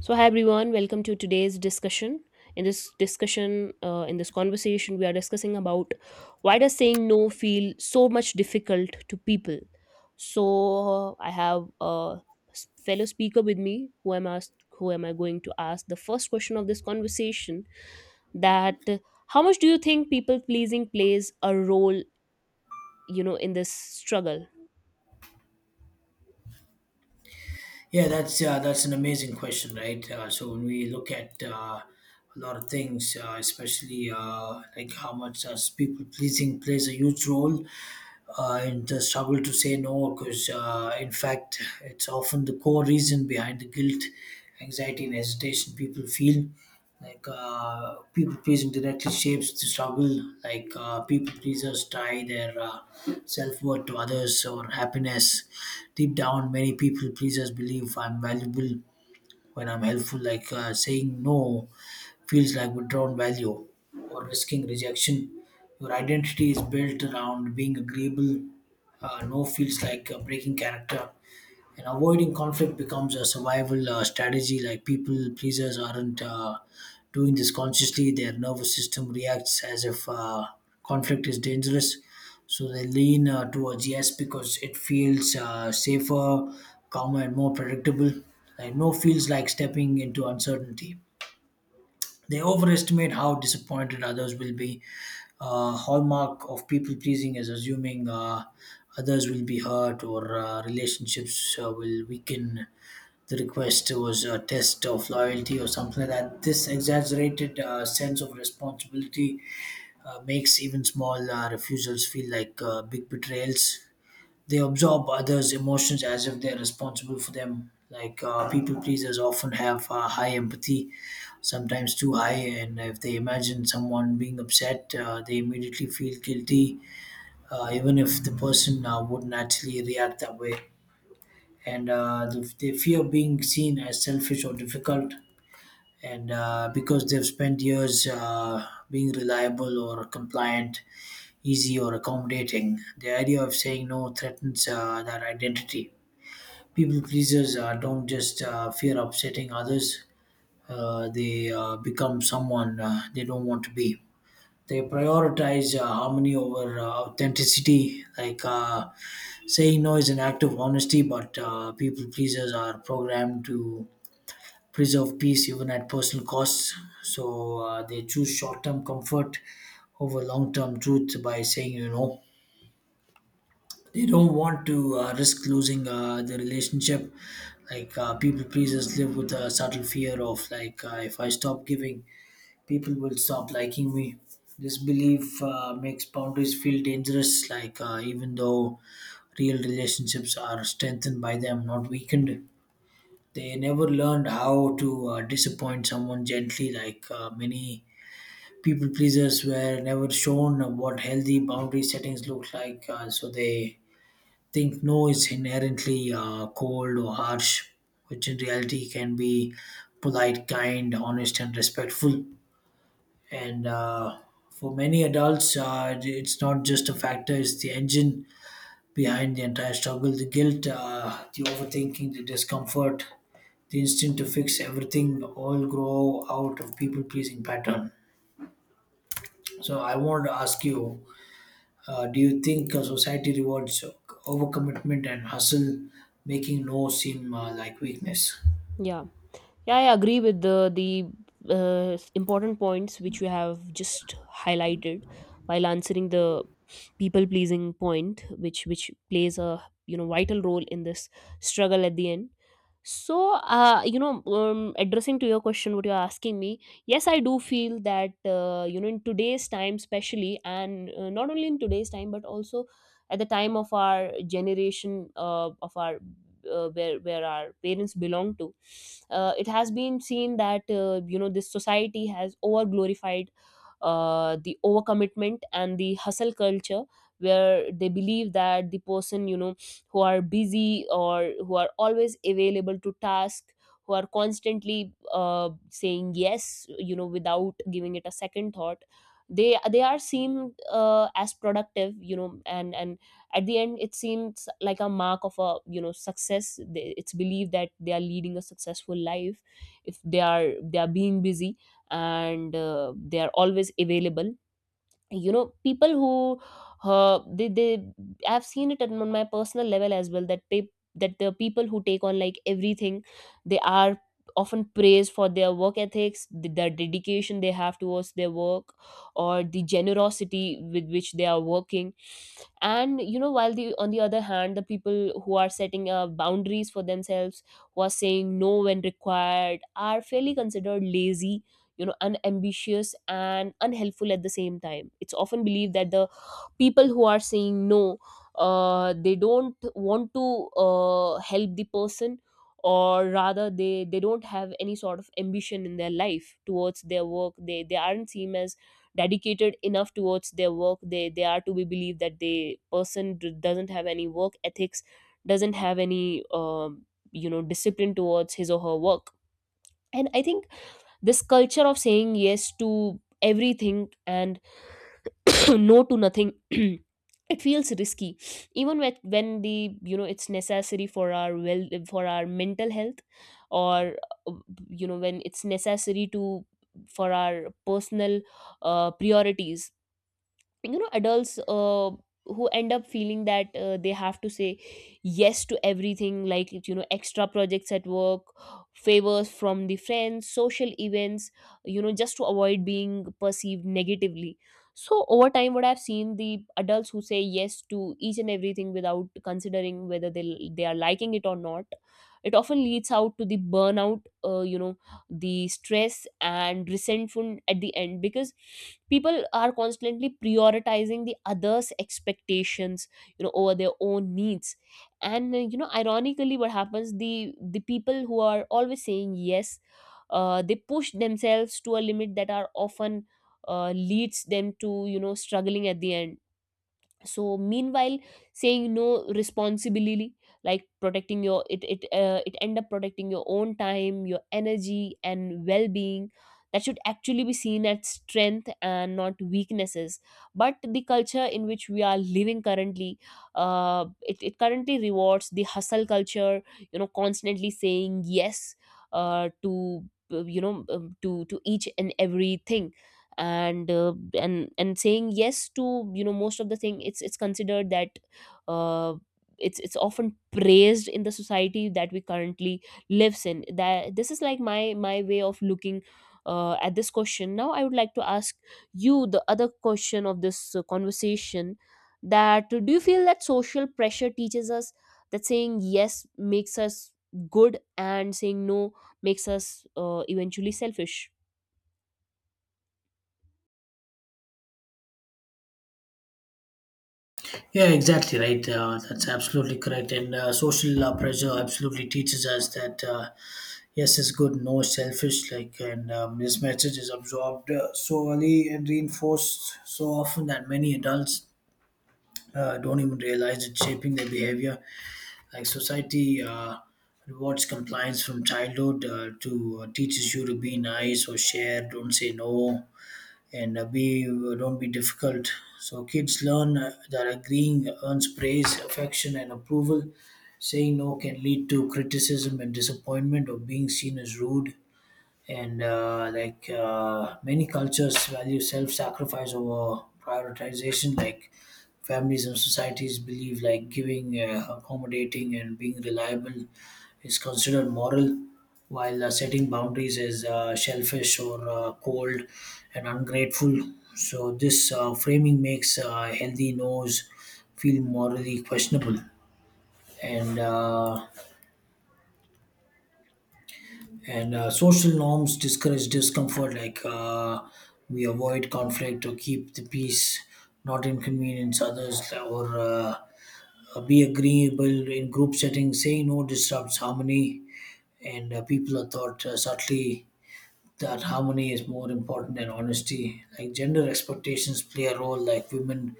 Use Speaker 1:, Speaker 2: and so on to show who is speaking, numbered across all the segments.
Speaker 1: So, hi everyone, welcome to today's discussion. In this conversation, we are discussing about why does saying no feel so much difficult to people. So, I have a fellow speaker with me, who am I going to ask the first question of this conversation, that how much do you think people pleasing plays a role, in this struggle?
Speaker 2: Yeah, that's an amazing question, right? So when we look at a lot of things, especially like how much people pleasing plays a huge role in the struggle to say no, because in fact, it's often the core reason behind the guilt, anxiety, and hesitation people feel. People pleasing directly shapes the struggle. People pleasers tie their self worth to others or happiness. Deep down, many people pleasers believe I'm valuable when I'm helpful, like saying no feels like withdrawn value or risking rejection. Your identity is built around being agreeable. No feels like breaking character, and avoiding conflict becomes a survival strategy. Like people pleasers aren't doing this consciously. Their nervous system reacts as if conflict is dangerous, so they lean towards yes because it feels safer, calmer, and more predictable. Like no feels like stepping into uncertainty. They overestimate how disappointed others will be. Hallmark of people pleasing is assuming others will be hurt or relationships will weaken. The request was a test of loyalty or something like that. This exaggerated sense of responsibility makes even small refusals feel like big betrayals. They absorb others' emotions as if they're responsible for them. People pleasers often have high empathy, sometimes too high, and if they imagine someone being upset, they immediately feel guilty, even if the person wouldn't actually react that way. And they fear being seen as selfish or difficult, and because they've spent years being reliable or compliant, easy or accommodating, the idea of saying no threatens that identity. People pleasers don't just fear upsetting others, they become someone they don't want to be. They prioritize harmony over authenticity. Saying no is an act of honesty, but people pleasers are programmed to preserve peace even at personal costs. So they choose short term comfort over long term truth. By saying, they don't want to risk losing the relationship. People pleasers live with a subtle fear of, if I stop giving, people will stop liking me. This belief makes boundaries feel dangerous, even though real relationships are strengthened by them, not weakened. They never learned how to disappoint someone gently. Many people pleasers were never shown what healthy boundary settings look like, so they think no is inherently cold or harsh, which in reality can be polite, kind, honest, and respectful. And for many adults, it's not just a factor, it's the engine behind the entire struggle. The guilt, the overthinking, the discomfort, the instinct to fix everything all grow out of people pleasing pattern. So, I want to ask you, do you think society rewards overcommitment and hustle, making no seem like weakness?
Speaker 1: Yeah. Yeah, I agree with the important points which you have just highlighted while answering the people pleasing point, which plays a vital role in this struggle at the end. So, uh, you know, um, addressing to your question, what you're asking me, yes, I do feel that in today's time, especially, and not only in today's time, but also at the time of our generation, of our where our parents belong to. It has been seen that this society has over glorified the overcommitment and the hustle culture, where they believe that the person, who are busy or who are always available to task, who are constantly saying yes without giving it a second thought. They are seen as productive, and at the end it seems like a mark of a success. They- it's believed that they are leading a successful life if they are being busy, and they are always available. You know people who uh, they, they i've seen it on my personal level as well, that the people who take on like everything, they are often praised for their work ethics, the dedication they have towards their work, or the generosity with which they are working. And you know while the on the other hand, the people who are setting boundaries for themselves, who are saying no when required, are fairly considered lazy, unambitious, and unhelpful. At the same time, it's often believed that the people who are saying no, they don't want to help the person, or rather they don't have any sort of ambition in their life towards their work. They aren't seen as dedicated enough towards their work. They are to be believed that the person doesn't have any work ethics, doesn't have any discipline towards his or her work. And I think this culture of saying yes to everything and no to nothing it feels risky, even when the you know it's necessary for our for our mental health, or uh, when it's necessary to for our personal priorities. Adults who end up feeling that they have to say yes to everything, like extra projects at work, favors from the friends, social events, just to avoid being perceived negatively. So over time, what I've seen, the adults who say yes to each and everything without considering whether they are liking it or not, it often leads out to the burnout, the stress and resentful at the end, because people are constantly prioritizing the others expectations over their own needs. And ironically what happens, the people who are always saying yes, they push themselves to a limit that are often leads them to struggling at the end. So meanwhile, saying no responsibly, like protecting your, it end up protecting your own time, your energy and well-being, that should actually be seen as strength and not weaknesses. But the culture in which we are living currently, it currently rewards the hustle culture, constantly saying yes, to you know to each and everything. And saying yes to most of the thing, it's considered that uh, it's often praised in the society that we currently lives in. That this is like my way of looking at this question. Now I would like to ask you the other question of this conversation, that do you feel that social pressure teaches us that saying yes makes us good, and saying no makes us eventually selfish?
Speaker 2: Yeah, exactly right. That's absolutely correct. And social pressure absolutely teaches us that yes is good, no is selfish. Like, and this message is absorbed so early and reinforced so often that many adults don't even realize it's shaping their behavior. Like society rewards compliance from childhood to teaches you to be nice or share, don't say no, and be don't be difficult. So kids learn that agreeing earns praise, affection, and approval. Saying no can lead to criticism and disappointment or being seen as rude, and many cultures value self-sacrifice over prioritization. Like families and societies believe like giving, accommodating, and being reliable is considered moral, while setting boundaries is shellfish or cold and ungrateful. So this framing makes healthy no's feel morally questionable. And uh, And Social norms discourage discomfort. We avoid conflict or keep the peace, not inconvenience others, or be agreeable in group settings. Saying no disrupts harmony, and people are taught subtly that harmony is more important than honesty. Like gender expectations play a role. Like women,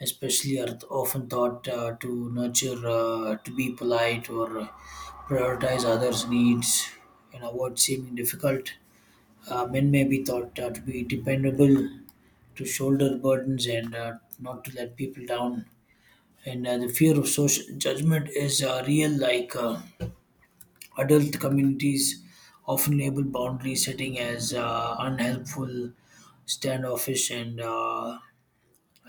Speaker 2: especially, are often taught to nurture, to be polite, or prioritize others' needs and avoid seeming difficult. Men may be taught to be dependable, to shoulder burdens, and not to let people down. And the fear of social judgment is real. Adult communities often label boundary setting as unhelpful, standoffish, and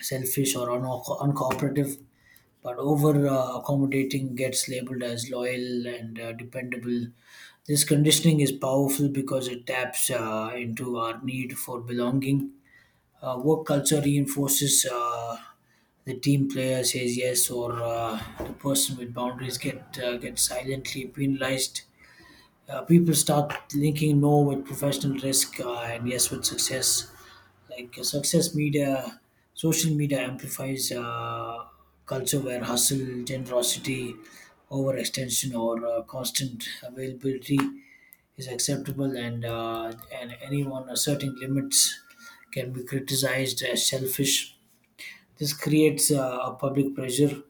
Speaker 2: selfish or uncooperative. But over accommodating gets labeled as loyal and dependable. This conditioning is powerful because it taps into our need for belonging. Work culture reinforces the team player says yes, or the person with boundaries get silently penalized. People start linking no with professional risk, and yes with success. Success media, social media amplifies culture where hustle, generosity, overextension, or constant availability is acceptable, and anyone asserting limits can be criticized as selfish. This creates a public pressure,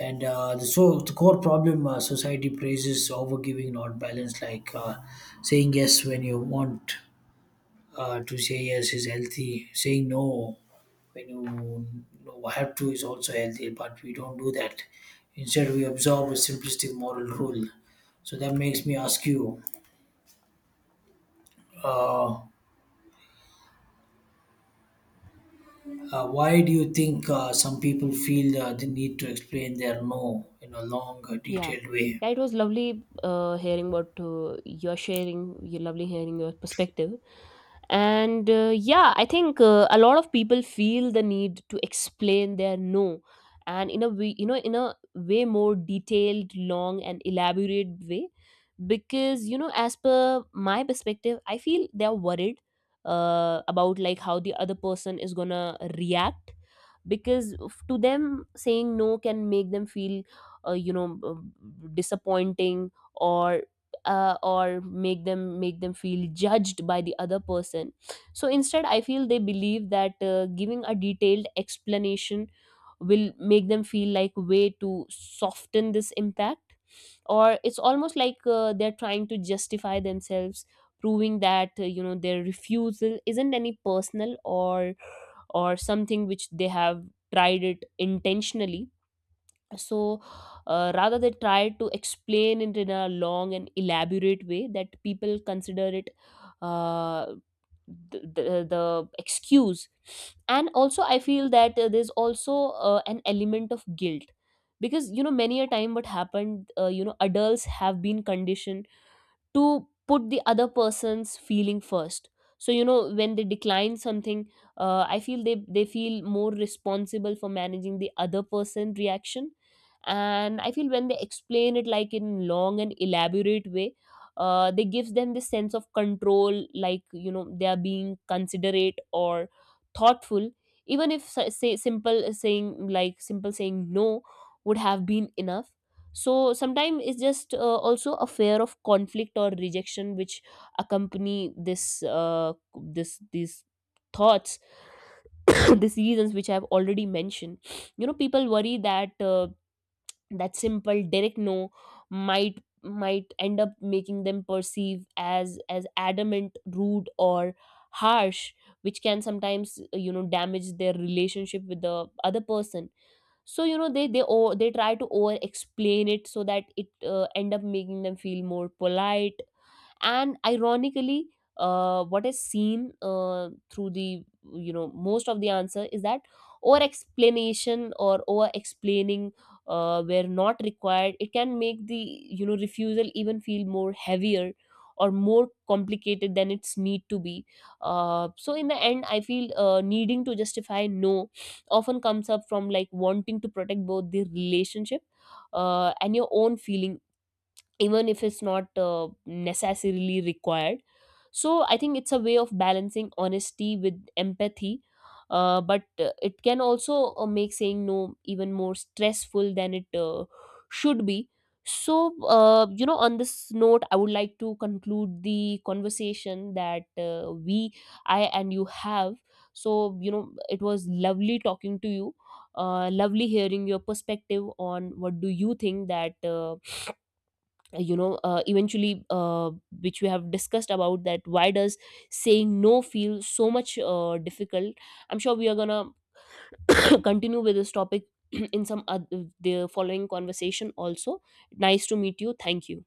Speaker 2: and so the core problem, society praises overgiving, not balance. Saying yes when you want to say yes is healthy. Saying no when you know, have to is also healthy, but we don't do that. Instead, we observe a simplistic moral rule. So that makes me ask you, uh, why do you think some people feel the need to explain their no in a long,
Speaker 1: Yeah.
Speaker 2: detailed way?
Speaker 1: Yeah, it was lovely hearing what you're sharing. You lovely hearing your perspective. And yeah, I think a lot of people feel the need to explain their no, and in a way, in a way more detailed, long, and elaborate way. Because as per my perspective, I feel they're worried about like how the other person is gonna react, because to them saying no can make them feel, uh, you know uh, disappointing, or make them feel judged by the other person. So instead I feel they believe that giving a detailed explanation will make them feel like way to soften this impact. Or it's almost like they're trying to justify themselves, proving that their refusal isn't any personal, or something which they have tried it intentionally. So rather they try to explain it in a long and elaborate way that people consider it, uh, the, the, the excuse. And also I feel that there's also an element of guilt, because many a time what happened, adults have been conditioned to put the other person's feeling first. So when they decline something, I feel they feel more responsible for managing the other person reaction. And I feel when they explain it like in long and elaborate way, they gives them this sense of control, like they are being considerate or thoughtful, even if s- say simple saying like simple saying no would have been enough. So sometimes it's just also a fear of conflict or rejection which accompany this this these thoughts, these reasons which I've already mentioned. People worry that that simple direct no might end up making them perceive as adamant, rude, or harsh, which can sometimes damage their relationship with the other person. So they try to over explain it so that it end up making them feel more polite. And ironically, what is seen through the most of the answer is that over explanation or over explaining, where not required, it can make the refusal even feel more heavier or more complicated than it's need to be. So in the end, I feel needing to justify no often comes up from like wanting to protect both the relationship and your own feeling, even if it's not necessarily required. So I think it's a way of balancing honesty with empathy. But it can also make saying no even more stressful than it should be. So on this note, I would like to conclude the conversation that we, I and you, have. So it was lovely talking to you, lovely hearing your perspective on what do you think that you know eventually which we have discussed about, that why does saying no feel so much difficult. I'm sure we are gonna continue with this topic in some the following conversation also. Nice to meet you. Thank you.